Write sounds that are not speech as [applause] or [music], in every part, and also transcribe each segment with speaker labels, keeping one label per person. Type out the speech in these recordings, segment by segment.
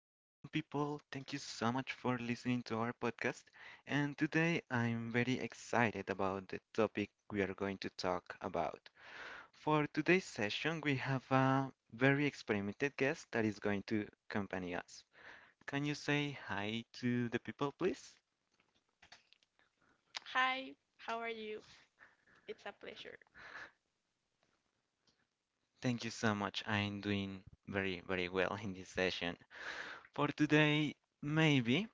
Speaker 1: people. Thank you so much for listening to our podcast. And today I'm very excited about the topic we are going to talk about. For today's session, we have a very experimented guest that is going to accompany us. Can you say hi to the people, please?
Speaker 2: Hi, how are you? It's a pleasure.
Speaker 1: Thank you so much. I'm doing very, very well in this session. For today, maybe,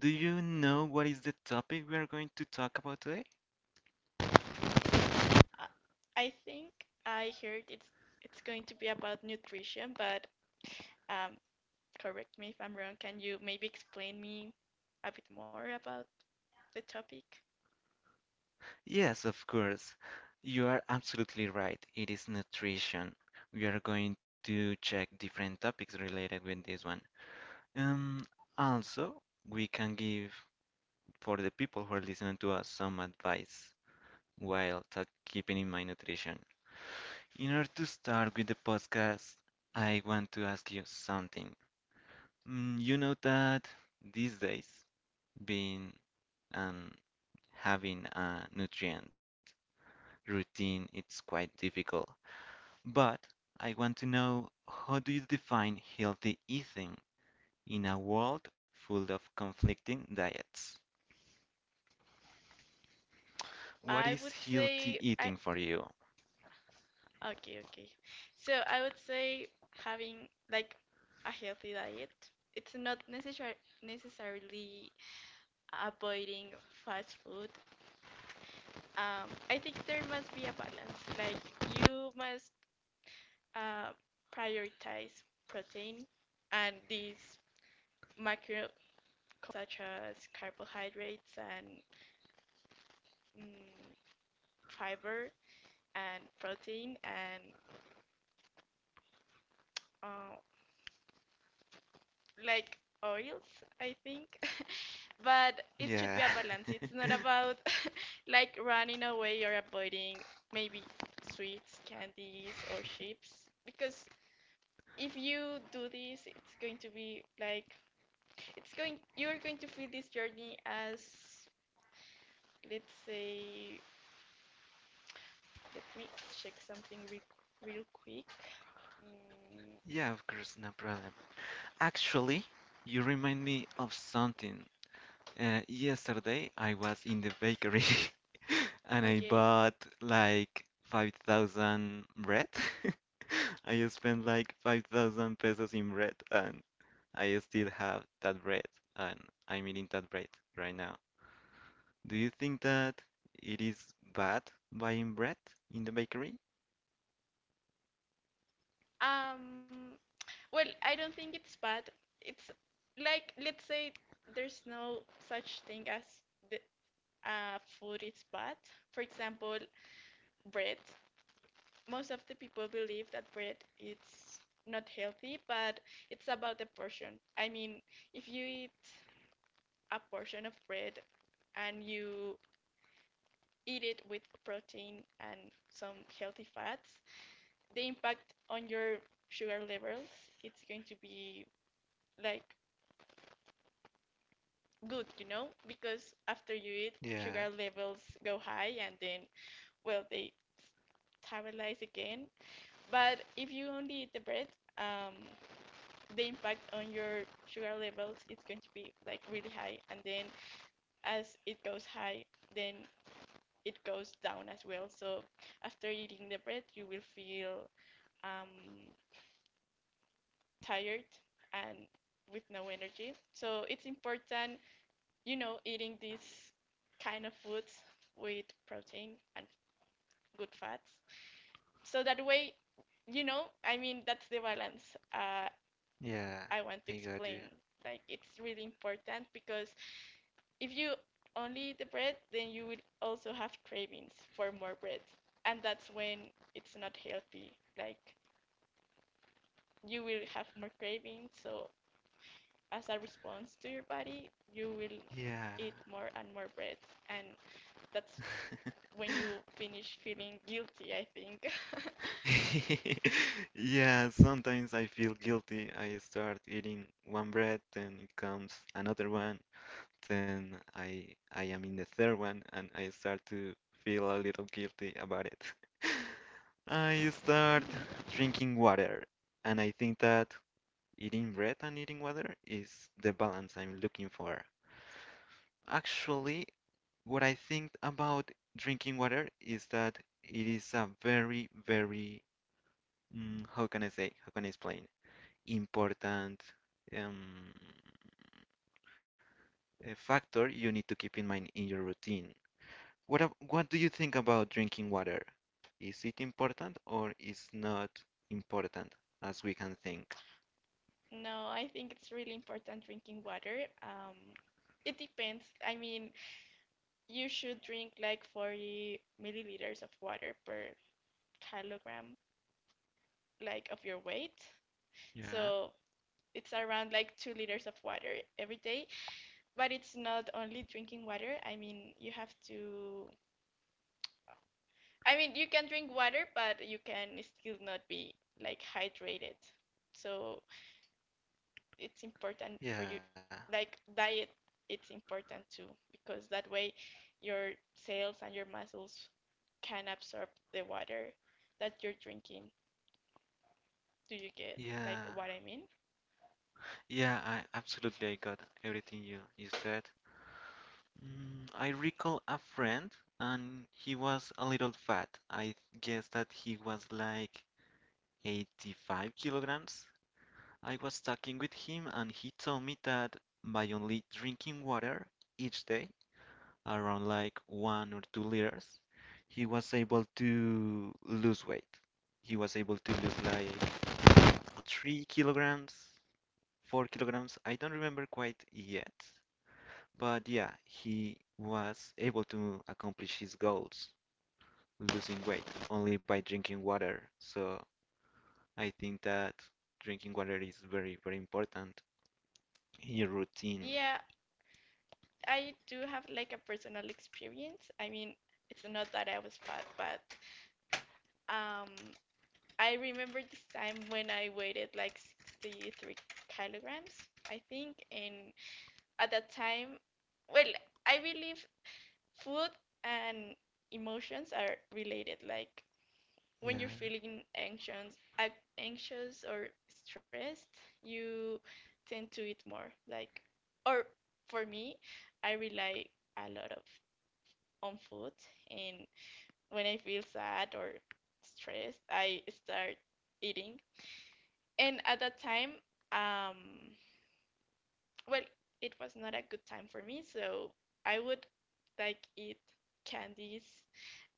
Speaker 1: do you know what is the topic we are going to talk about today?
Speaker 2: Uh, I think I heard it's going to be about nutrition, but um, correct me if I'm wrong. Can you maybe explain me a bit more about the topic?
Speaker 1: Yes, of course. You are absolutely right. It is nutrition. We are going to check different topics related with this one. Um, Also, we can give for the people who are listening to us some advice while talk, keeping in mind nutrition. In order to start with the podcast, I want to ask you something. You know that these days, being um, having a nutrient routine, it's quite difficult. But I want to know how do you define healthy eating in a world full of conflicting diets? What
Speaker 2: I
Speaker 1: is
Speaker 2: would
Speaker 1: healthy
Speaker 2: say I
Speaker 1: eating for you?
Speaker 2: Okay. So I would say having like a healthy diet. It's not necessarily avoiding fast food. I think there must be a balance. Like you must uh, prioritize protein and these macro such as carbohydrates and mm, fiber and protein and uh, like oils, I think. [laughs] But it should
Speaker 1: Yeah,
Speaker 2: be a balance. It's not about [laughs] like running away or avoiding maybe sweets, candies or chips, because if you do this, it's going to be like it's going you're going to feel this journey as, let's say, let me check something real quick.
Speaker 1: [laughs]
Speaker 2: mm,
Speaker 1: yeah, of course, no problem. Actually, you remind me of something. Yesterday I was in the bakery [laughs] and I
Speaker 2: okay.
Speaker 1: bought like 5,000 bread. [laughs] I spent like 5,000 pesos in bread and I still have that bread and I'm eating that bread right now. Do you think that it is bad buying bread in the bakery?
Speaker 2: um well, I don't think it's bad. It's, like, let's say there's no such thing as the food is bad. For example, bread. Most of the people believe that bread is not healthy, but it's about the portion. I mean, if you eat a portion of bread and you eat it with protein and some healthy fats, the impact on your sugar levels it's going to be like good, you know, because after you eat,
Speaker 1: Yeah,
Speaker 2: sugar levels go high and then, well, they stabilize again. But if you only eat the bread, um, the impact on your sugar levels it's going to be like really high, and then as it goes high, then it goes down as well. So after eating the bread, you will feel um, tired and with no energy. So it's important, you know, eating these kind of foods with protein and good fats. So that way, you know, I mean, that's the balance uh,
Speaker 1: yeah,
Speaker 2: I want to
Speaker 1: I got you.
Speaker 2: explain. Like, it's really important because if you only eat the bread, then you will also have cravings for more bread. And that's when it's not healthy. Like, you will have more cravings, so as a response to your body, you will
Speaker 1: Yeah,
Speaker 2: eat more and more bread. And that's when you finish feeling guilty, I think. [laughs]
Speaker 1: [laughs] yeah, sometimes I feel guilty. I start eating one bread, then it comes another one, then I am in the third one and I start to feel a little guilty about it. [laughs] I start
Speaker 2: Mhm.
Speaker 1: drinking water, and I think that eating bread and eating water is the balance I'm looking for. Actually, what I think about drinking water is that it is a very, very, how can I say, how can I explain, important um, factor you need to keep in mind in your routine. What do you think about drinking water? Is it important or is not important as we can think?
Speaker 2: No, I think it's really important drinking water. It depends. I mean, you should drink like 40 milliliters of water per kilogram, like of your weight.
Speaker 1: Yeah,
Speaker 2: So it's around like 2 liters of water every day. But it's not only drinking water. I mean, you have to— I mean, you can drink water, but you can still not be like hydrated. So it's important for you,
Speaker 1: yeah,
Speaker 2: like diet, it's important too, because that way your cells and your muscles can absorb the water that you're drinking. Do you get like
Speaker 1: yeah,
Speaker 2: what I mean?
Speaker 1: yeah. I got everything you said. I recall a friend, and he was a little fat. I guess that he was like 85 kilograms. I was talking with him, and he told me that by only drinking water each day, around like 1 or 2 liters, he was able to lose weight. He was able to lose like 3 kilograms, 4 kilograms. I don't remember quite yet, but yeah, he was able to accomplish his goals, losing weight only by drinking water. So I think that drinking water is very, very important in your routine.
Speaker 2: Yeah, I do have like a personal experience. I mean, it's not that I was fat, but um, I remember this time when I weighed like 63 kilograms, I think, and at that time, well, I believe food and emotions are related. Like when you're
Speaker 1: Yeah.
Speaker 2: feeling anxious or stressed, you tend to eat more. Like, or for me, I rely a lot of on food, and when I feel sad or stressed, I start eating. And at that time, um, well, it was not a good time for me, so I would like eat candies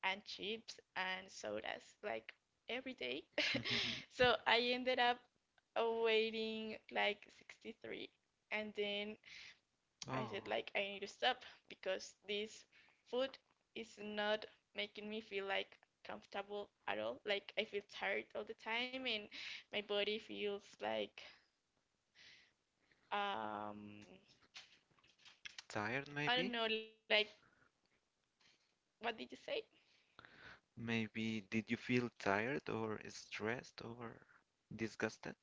Speaker 2: and chips and sodas like every day. [laughs]
Speaker 1: [laughs]
Speaker 2: So I ended up weighing like 63. And then I said
Speaker 1: Oh,
Speaker 2: like I need to stop because this food is not making me feel like comfortable at all. Like I feel tired all the time and my body feels like um
Speaker 1: tired
Speaker 2: I
Speaker 1: maybe?
Speaker 2: don't know, like what did you say?
Speaker 1: Maybe did you feel tired or stressed or disgusted?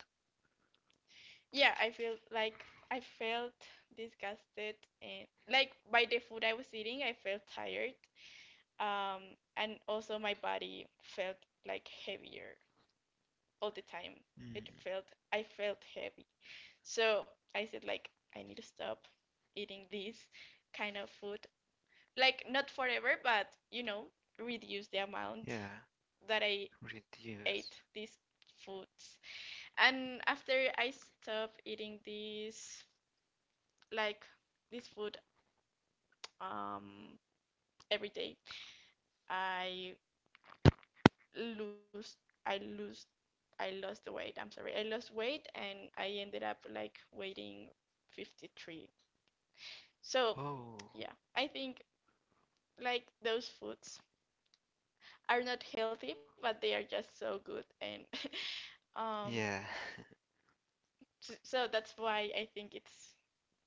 Speaker 2: Yeah, I feel like— I felt disgusted and like by the food I was eating, I felt tired. Um, and also my body felt like heavier all the time.
Speaker 1: Mm,
Speaker 2: It felt— I felt heavy. So I said like I need to stop eating this kind of food. Like not forever, but you know, reduce the amount
Speaker 1: yeah,
Speaker 2: that I ate
Speaker 1: reduce.
Speaker 2: these foods. And after I stopped eating this, like this food, um, every day, I lose, I lose, I lost the weight. I'm sorry, I lost weight, and I ended up like weighing 53. So,
Speaker 1: Oh,
Speaker 2: yeah, I think like those foods are not healthy, but they are just so good, and [laughs] um,
Speaker 1: yeah,
Speaker 2: so that's why I think it's,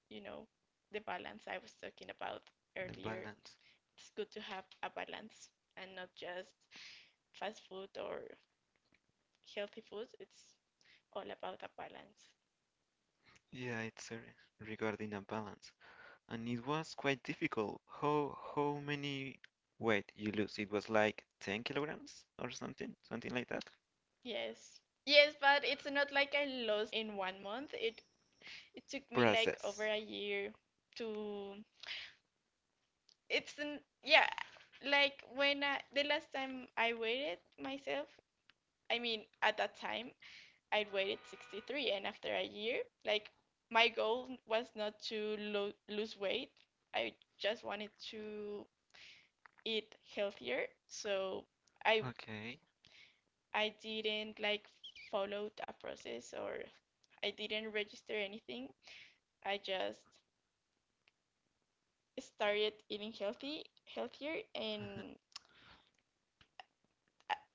Speaker 2: you know, the balance I was talking about
Speaker 1: [laughs] the
Speaker 2: earlier.
Speaker 1: balance.
Speaker 2: It's good to have a balance and not just fast food or healthy food. It's all about a balance.
Speaker 1: Yeah, it's regarding a balance. And it was quite difficult. How many weight you lose? It was like 10 kilograms or something, something like that.
Speaker 2: Yes. Yes, but it's not like I lost in one month. It took me like over
Speaker 1: Process.
Speaker 2: a year to— it's an, yeah, like when I, the last time I weighed myself, I mean at that time I weighed 63 and after a year, like my goal was not to lo lose weight. I just wanted to eat healthier. So I
Speaker 1: Okay.
Speaker 2: I didn't like followed a process or I didn't register anything. I just started eating healthy healthier, and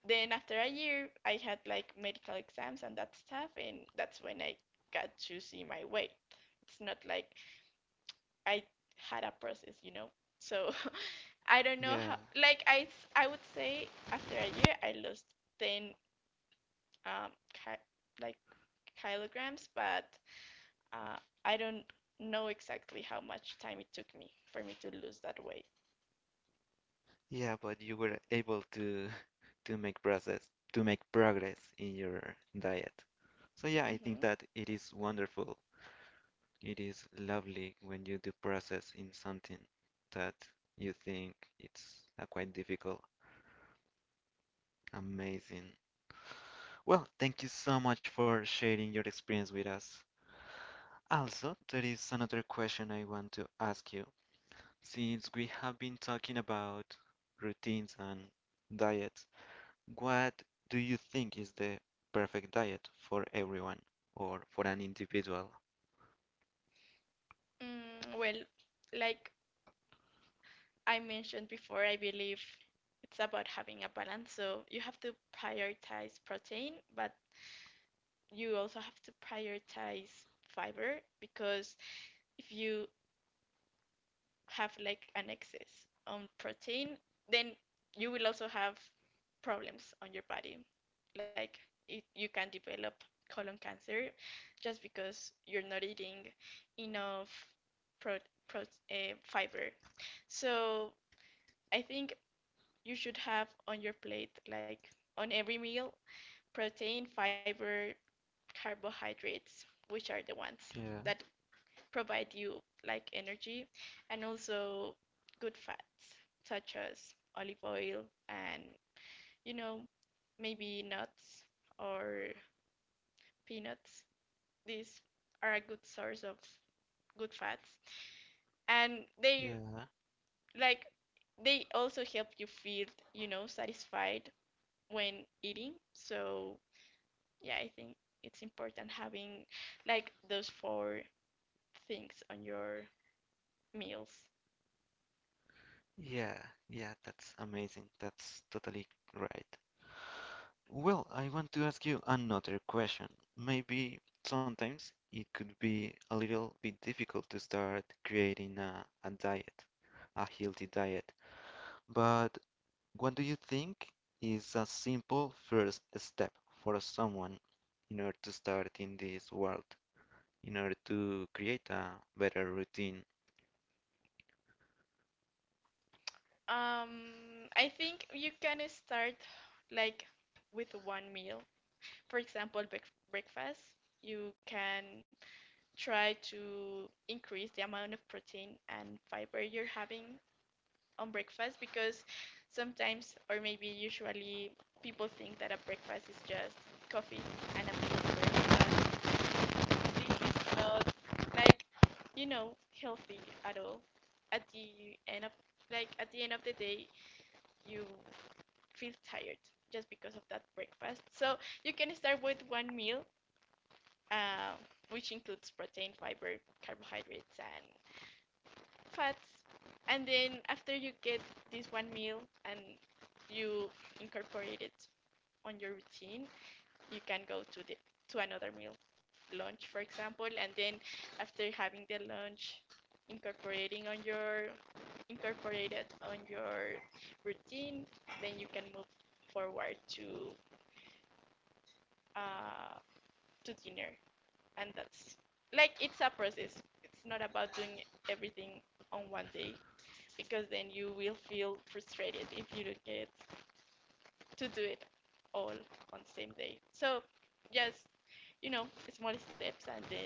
Speaker 2: then after a year I had like medical exams and that stuff, and that's when I got to see my weight. It's not like I had a process, you know. So [laughs] I don't know how,
Speaker 1: Yeah.
Speaker 2: like I would say after a year I lost 10 um like kilograms, but uh, I don't know exactly how much time it took me for me to lose that weight.
Speaker 1: Yeah, but you were able to make process to make progress in your diet. So yeah, I think
Speaker 2: Hmm.
Speaker 1: that it is wonderful. It is lovely when you do process in something that you think it's quite difficult. Amazing. Well, thank you so much for sharing your experience with us. Also, there is another question I want to ask you. Since we have been talking about routines and diet, what do you think is the perfect diet for everyone or for an individual?
Speaker 2: Well, like I mentioned before, I believe it's about having a balance. So you have to prioritize protein, but you also have to prioritize fiber, because if you have like an excess on protein, then you will also have problems on your body. Like it, you can develop colon cancer just because you're not eating enough pro, fiber. So I think you should have on your plate, like on every meal, protein, fiber, carbohydrates, which are the ones
Speaker 1: Yeah,
Speaker 2: that provide you like energy, and also good fats such as olive oil, and you know, maybe nuts or peanuts. These are a good source of good fats, and they,
Speaker 1: yeah,
Speaker 2: like, they also help you feel, you know, satisfied when eating. So yeah, I think it's important having like those four things on your meals.
Speaker 1: yeah, yeah, that's amazing. That's totally right. Well, I want to ask you another question. Maybe sometimes it could be a little bit difficult to start creating a diet, a healthy diet. But what do you think is a simple first step for someone in order to start in this world? In order to create a better routine.
Speaker 2: I think you can start like with one meal. For example, breakfast. You can try to increase the amount of protein and fiber you're having on breakfast, because sometimes, or maybe usually, people think that a breakfast is just coffee and a meal bread. This is not like, you know, healthy at all. At the end of like at the end of the day, you feel tired just because of that breakfast. So you can start with one meal, uh, which includes protein, fiber, carbohydrates, and fats. And then after you get this one meal and you incorporate it on your routine, you can go to the— to another meal, lunch for example, and then after having the lunch, incorporating on your incorporate it on your routine, then you can move forward uh, to dinner, and that's like, it's a process. It's not about doing everything on one day, because then you will feel frustrated if you don't get to do it all on the same day. So just, you know, small steps, and then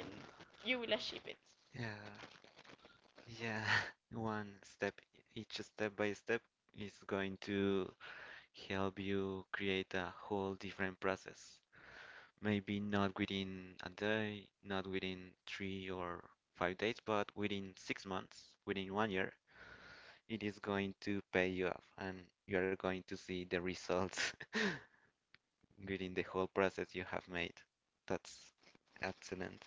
Speaker 2: you will achieve it.
Speaker 1: Yeah, yeah. [laughs] One step, each step by step is going to help you create a whole different process. Maybe not within a day, not within 3 or 5 days, but within 6 months, within one year, it is going to pay you off and you are going to see the results [laughs] within the whole process you have made. That's excellent.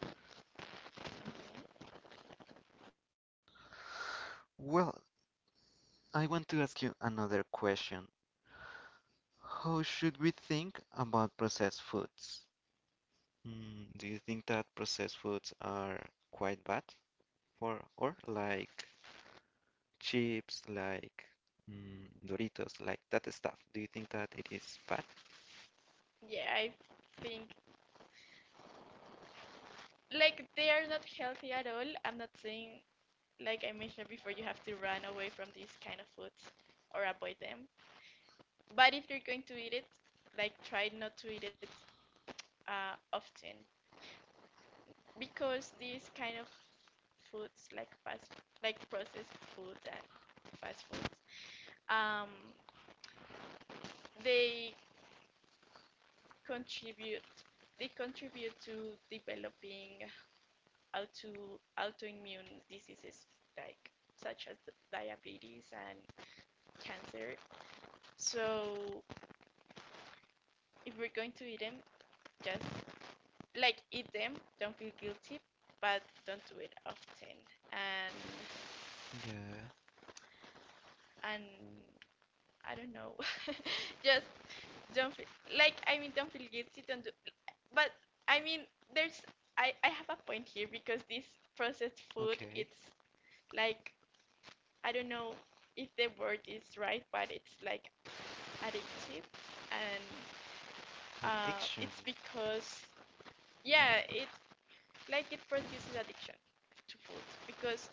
Speaker 1: Well, I want to ask you another question. How should we think about processed foods? Do you think that processed foods are quite bad or like chips, like Doritos, like that stuff? Do you think that it is bad?
Speaker 2: Yeah, I think like they are not healthy at all. I'm not saying, like I mentioned before, you have to run away from these kind of foods or avoid them. But if you're going to eat it, like try not to eat it often, because these kind of foods, like like processed food and fast foods, um, they contribute they contribute to developing autoimmune diseases, like such as diabetes and cancer. So if we're going to eat them, just like eat them, don't feel guilty, but don't do it often. And
Speaker 1: Yeah,
Speaker 2: and I don't know, [laughs] just don't feel, like I mean, don't feel guilty, don't do, but I mean, there's— I have a point here, because this processed food,
Speaker 1: okay.
Speaker 2: it's like, I don't know if the word is right, but it's like addictive. And
Speaker 1: Addiction.
Speaker 2: it's because, yeah, it's like it produces addiction to foods, because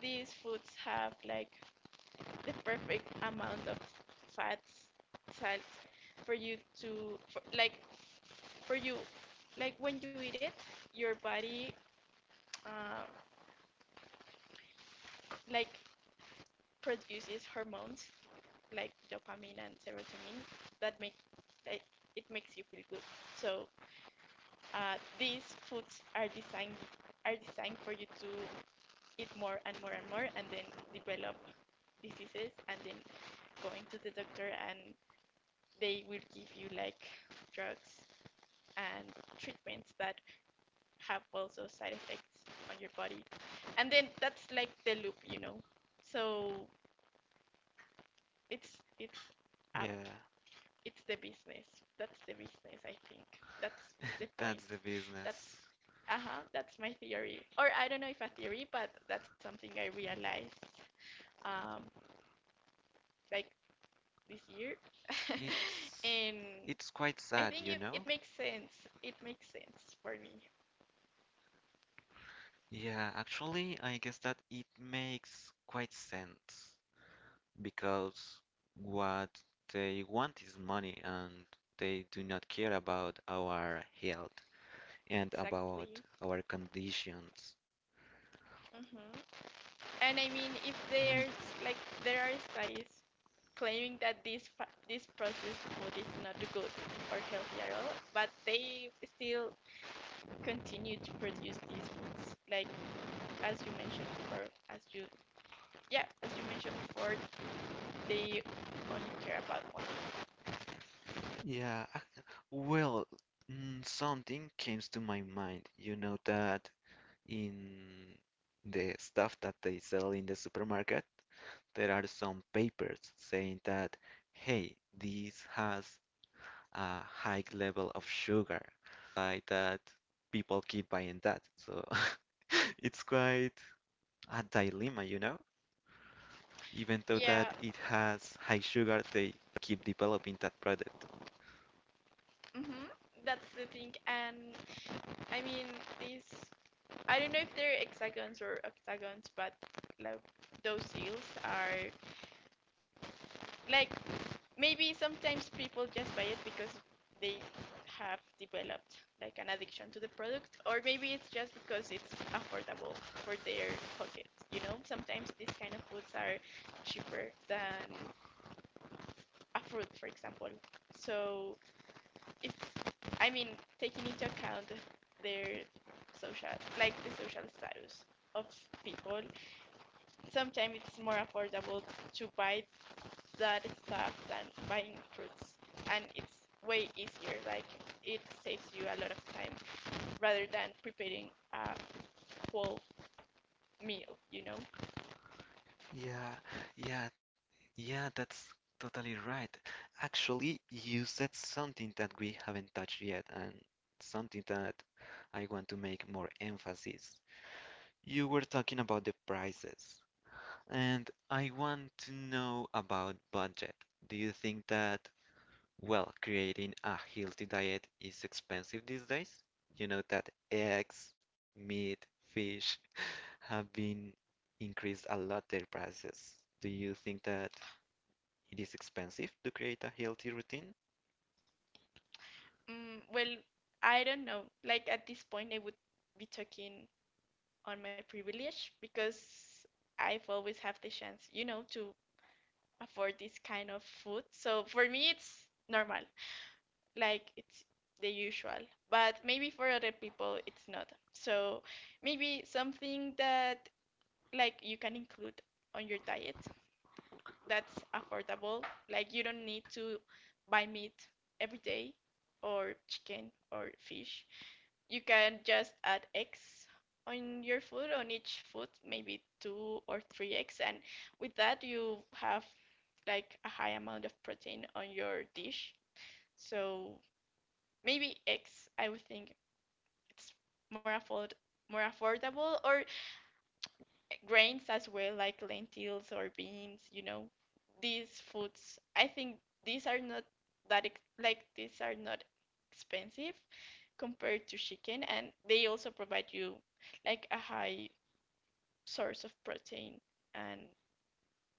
Speaker 2: these foods have like the perfect amount of fats, salt for you to like for you, like when you eat it, your body uh, like produces hormones like dopamine and serotonin that make, like, it makes you feel good. So these foods are designed for you to eat more and more and more, and then develop diseases, and then going to the doctor, and they will give you like drugs and treatments that have also side effects on your body, and then that's like the loop, you know. So it's a
Speaker 1: Yeah,
Speaker 2: it's the business. That's the business, I think. That's
Speaker 1: [laughs]
Speaker 2: the
Speaker 1: that's
Speaker 2: point.
Speaker 1: the
Speaker 2: That's
Speaker 1: business.
Speaker 2: uh-huh, that's my theory. Or I don't know if a theory, but that's something I realized um like this year. [laughs]
Speaker 1: It's
Speaker 2: And
Speaker 1: it's quite
Speaker 2: I
Speaker 1: sad,
Speaker 2: think
Speaker 1: you
Speaker 2: it,
Speaker 1: know?
Speaker 2: it makes sense. It makes sense for me.
Speaker 1: Yeah, actually, I guess that it makes quite sense, because what they want is money and they do not care about our health and about
Speaker 2: Exactly.
Speaker 1: our conditions.
Speaker 2: Hmm. And I mean, if
Speaker 1: Mm,
Speaker 2: there's like there are studies claiming that this processed food is not good or healthy at all, but they still continue to produce these foods. Like as you mentioned before, as you yeah, as you mentioned before, they only care about one.
Speaker 1: yeah, well, something came to my mind. You know that in the stuff that they sell in the supermarket, there are some papers saying that, hey, this has a high level of sugar by that people keep buying that. So [laughs] it's quite a dilemma, you know? Even though that
Speaker 2: Yeah,
Speaker 1: it has high sugar, they keep developing that product.
Speaker 2: hmm, that's the thing. And I mean these. I don't know if they're hexagons or octagons, but like those seals are like maybe sometimes people just buy it because they have developed like an addiction to the product, or maybe it's just because it's affordable for their pockets, you know. Sometimes these kind of foods are cheaper than a fruit, for example. So if, I mean, taking into account their social like the social status of people, sometimes it's more affordable to buy that stuff than buying fruits. And it's way easier, like it saves you a lot of time rather than preparing a whole meal, you know.
Speaker 1: Yeah, yeah, yeah, that's totally right. Actually, you said something that we haven't touched yet and something that I want to make more emphasis. You were talking about the prices. And I want to know about budget. Do you think that, well, creating a healthy diet is expensive these days? You know that eggs, meat, fish [laughs] have been increased a lot their prices. Do you think that it is expensive to create a healthy routine?
Speaker 2: Well, I don't know, like at this point I would be talking on my privilege because I've always have the chance, you know, to afford this kind of food, so for me it's normal, like it's the usual, but maybe for other people it's not. So maybe something that like you can include on your diet that's affordable, like you don't need to buy meat every day, or chicken or fish. You can just add eggs on your food, on each food maybe 2 or 3 eggs, and with that you have like a high amount of protein on your dish. So maybe eggs, I would think it's more afford more affordable, or grains as well, like lentils or beans, you know. These foods, I think these are not that ex like these are not expensive compared to chicken, and they also provide you like a high source of protein and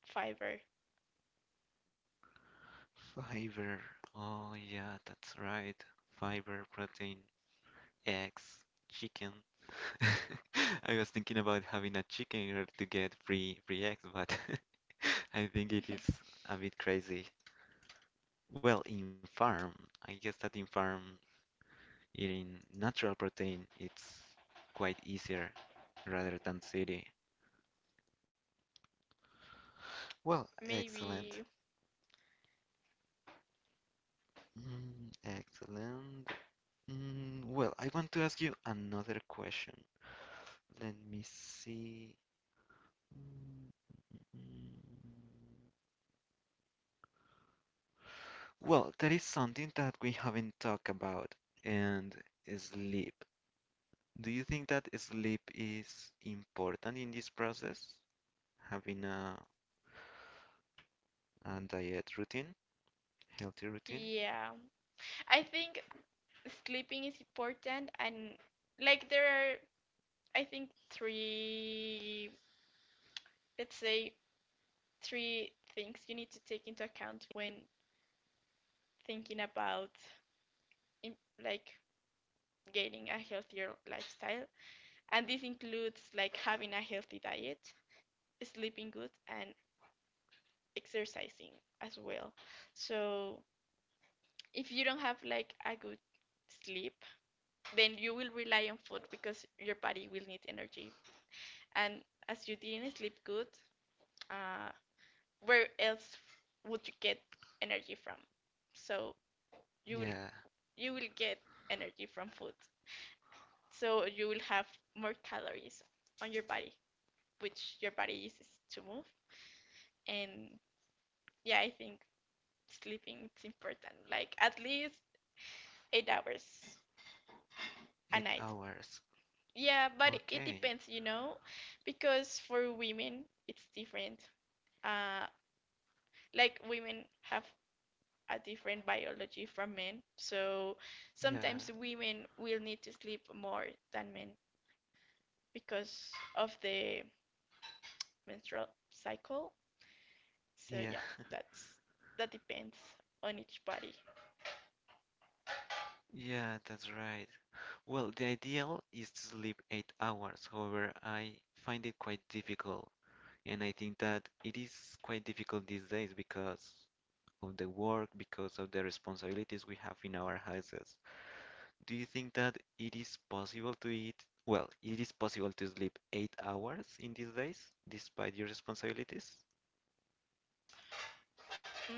Speaker 2: fiber.
Speaker 1: Fiber. Oh yeah, that's right. Fiber, protein, eggs, chicken. [laughs] I was thinking about having a chicken in order to get free eggs, but [laughs] I think it is a bit crazy. Well, in farm, I guess that in farm eating natural protein it's quite easier rather than city. Well, excellent.
Speaker 2: Maybe,
Speaker 1: Excellent. Well, I want to ask you another question. Let me see. Mm, mm. Well, there is something that we haven't talked about, and sleep. Do you think that sleep is important in this process? Having a diet routine, healthy routine?
Speaker 2: yeah. I think sleeping is important, and like there are I think three, let's say three things you need to take into account when thinking about im- like gaining a healthier lifestyle. And this includes like having a healthy diet, sleeping good, and exercising as well. So if you don't have like a good sleep, then you will rely on food because your body will need energy. And as you didn't sleep good, uh, where else would you get energy from? So you will
Speaker 1: Yeah,
Speaker 2: you will get energy from food. So you will have more calories on your body, which your body uses to move. And yeah, I think sleeping it's important. Like at least 8 hours a
Speaker 1: eight
Speaker 2: night.
Speaker 1: hours.
Speaker 2: Yeah, but it
Speaker 1: Okay.
Speaker 2: depends, you know, because for women it's different. Uh, like women have a different biology from men. So
Speaker 1: Yeah,
Speaker 2: sometimes women will need to sleep more than men because of the menstrual cycle. So
Speaker 1: yeah,
Speaker 2: yeah,
Speaker 1: [laughs]
Speaker 2: that's that depends on each body.
Speaker 1: yeah, that's right. Well, the ideal is to sleep 8 hours. However, I find it quite difficult, and I think that it is quite difficult these days because of the work, because of the responsibilities we have in our houses. Do you think that it is possible to eat? Well, it is possible to sleep 8 hours in these days, despite your responsibilities?
Speaker 2: Mm,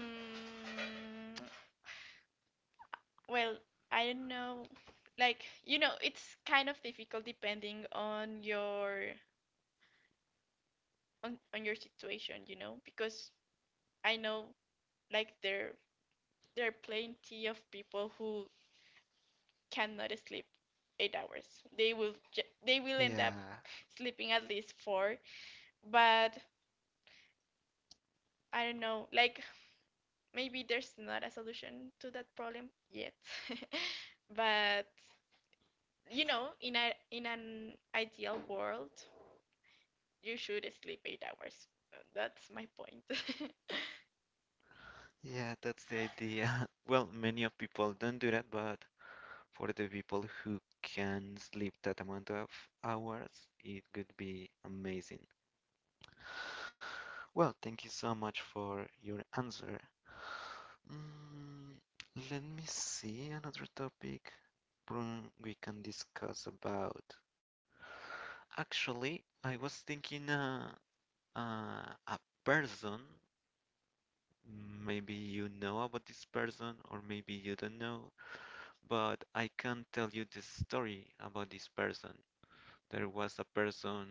Speaker 2: well, I don't know. Like you know, it's kind of difficult depending on your on your situation, you know, because I know like there are plenty of people who cannot sleep 8 hours. They will they will end up
Speaker 1: Yeah,
Speaker 2: sleeping at least 4. But I don't know, like maybe there's not a solution to that problem yet. [laughs] But you know, in a in an ideal world, you should sleep 8 hours. That's my point. [laughs]
Speaker 1: yeah, that's the idea. [laughs] Well, many of people don't do that, but for the people who can sleep that amount of hours, it could be amazing. Well, thank you so much for your answer. Mm, Let me see another topic we can discuss about. Actually, I was thinking a person. Maybe you know about this person, or maybe you don't know, but I can tell you the story about this person. There was a person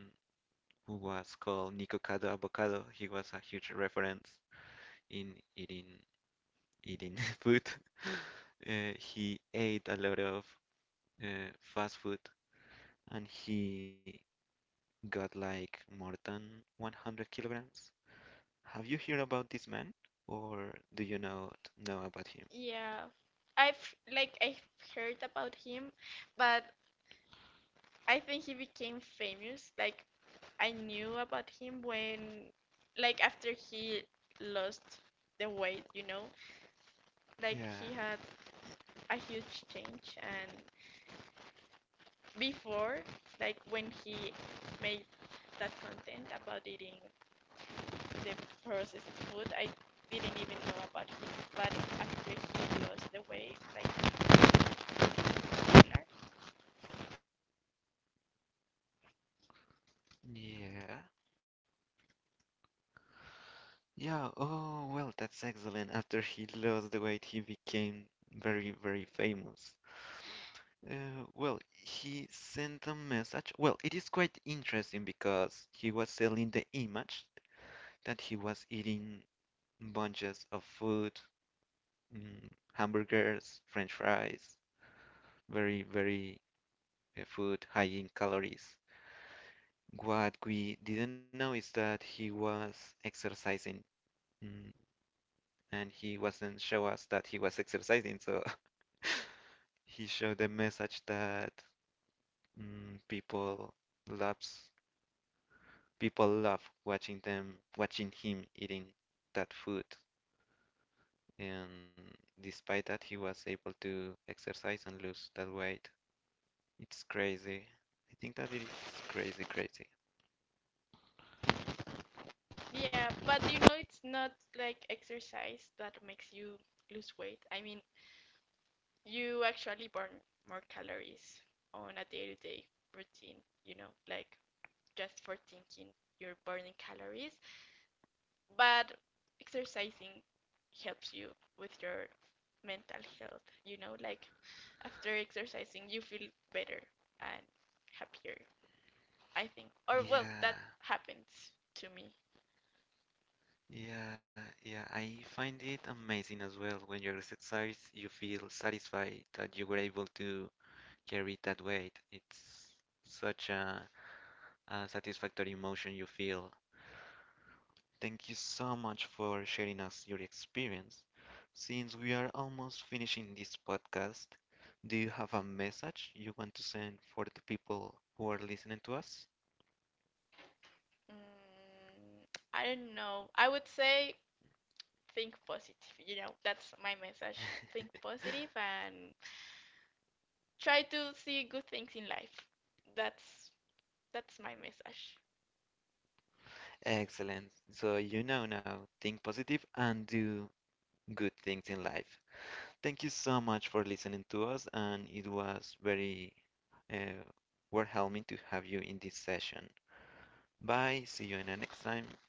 Speaker 1: who was called Nico Cado Avocado. He was a huge reference in eating [laughs] food. He ate a lot of fast food and he got like more than 100 kilograms. Have you heard about this man or do you not know about him?
Speaker 2: Yeah. I've heard about him, but I think he became famous. Like I knew about him when, like after he lost the weight, you know, like he
Speaker 1: Yeah,
Speaker 2: had a huge change. And before, like when he made that content about eating the processed food, I didn't even know about him. But after he lost the weight, like he was popular.
Speaker 1: yeah, yeah. Oh, well, that's excellent. After he lost the weight, he became very, very famous. Well, he sent a message. Well, it is quite interesting because he was selling the image that he was eating bunches of food, mm, hamburgers, french fries, very, very food high in calories. What we didn't know is that he was exercising, mm, and he wasn't show us that he was exercising, so [laughs] he showed the message that mm, people loves people love watching them watching him eating that food. And despite that he was able to exercise and lose that weight. It's crazy. I think that it is crazy, crazy.
Speaker 2: Yeah, but you know, it's not like exercise that makes you lose weight. I mean, you actually burn more calories on a day to day routine, you know, like just for thinking you're burning calories. But exercising helps you with your mental health, you know, like after exercising, you feel better and happier, I think. Or, well, that
Speaker 1: Yeah,
Speaker 2: happens to me.
Speaker 1: yeah, yeah. I find it amazing as well when you exercise, you feel satisfied that you were able to carry that weight. It's such a satisfactory emotion you feel. Thank you so much for sharing us your experience. Since we are almost finishing this podcast, do you have a message you want to send for the people who are listening to us?
Speaker 2: Mm, I don't know. I would say think positive, you know, that's my message. Think
Speaker 1: [laughs]
Speaker 2: positive and try to see good things in life. That's that's my message.
Speaker 1: Excellent. So you know now, think positive and do good things in life. Thank you so much for listening to us, and it was very uh, warming to have you in this session. Bye. See you in the next time.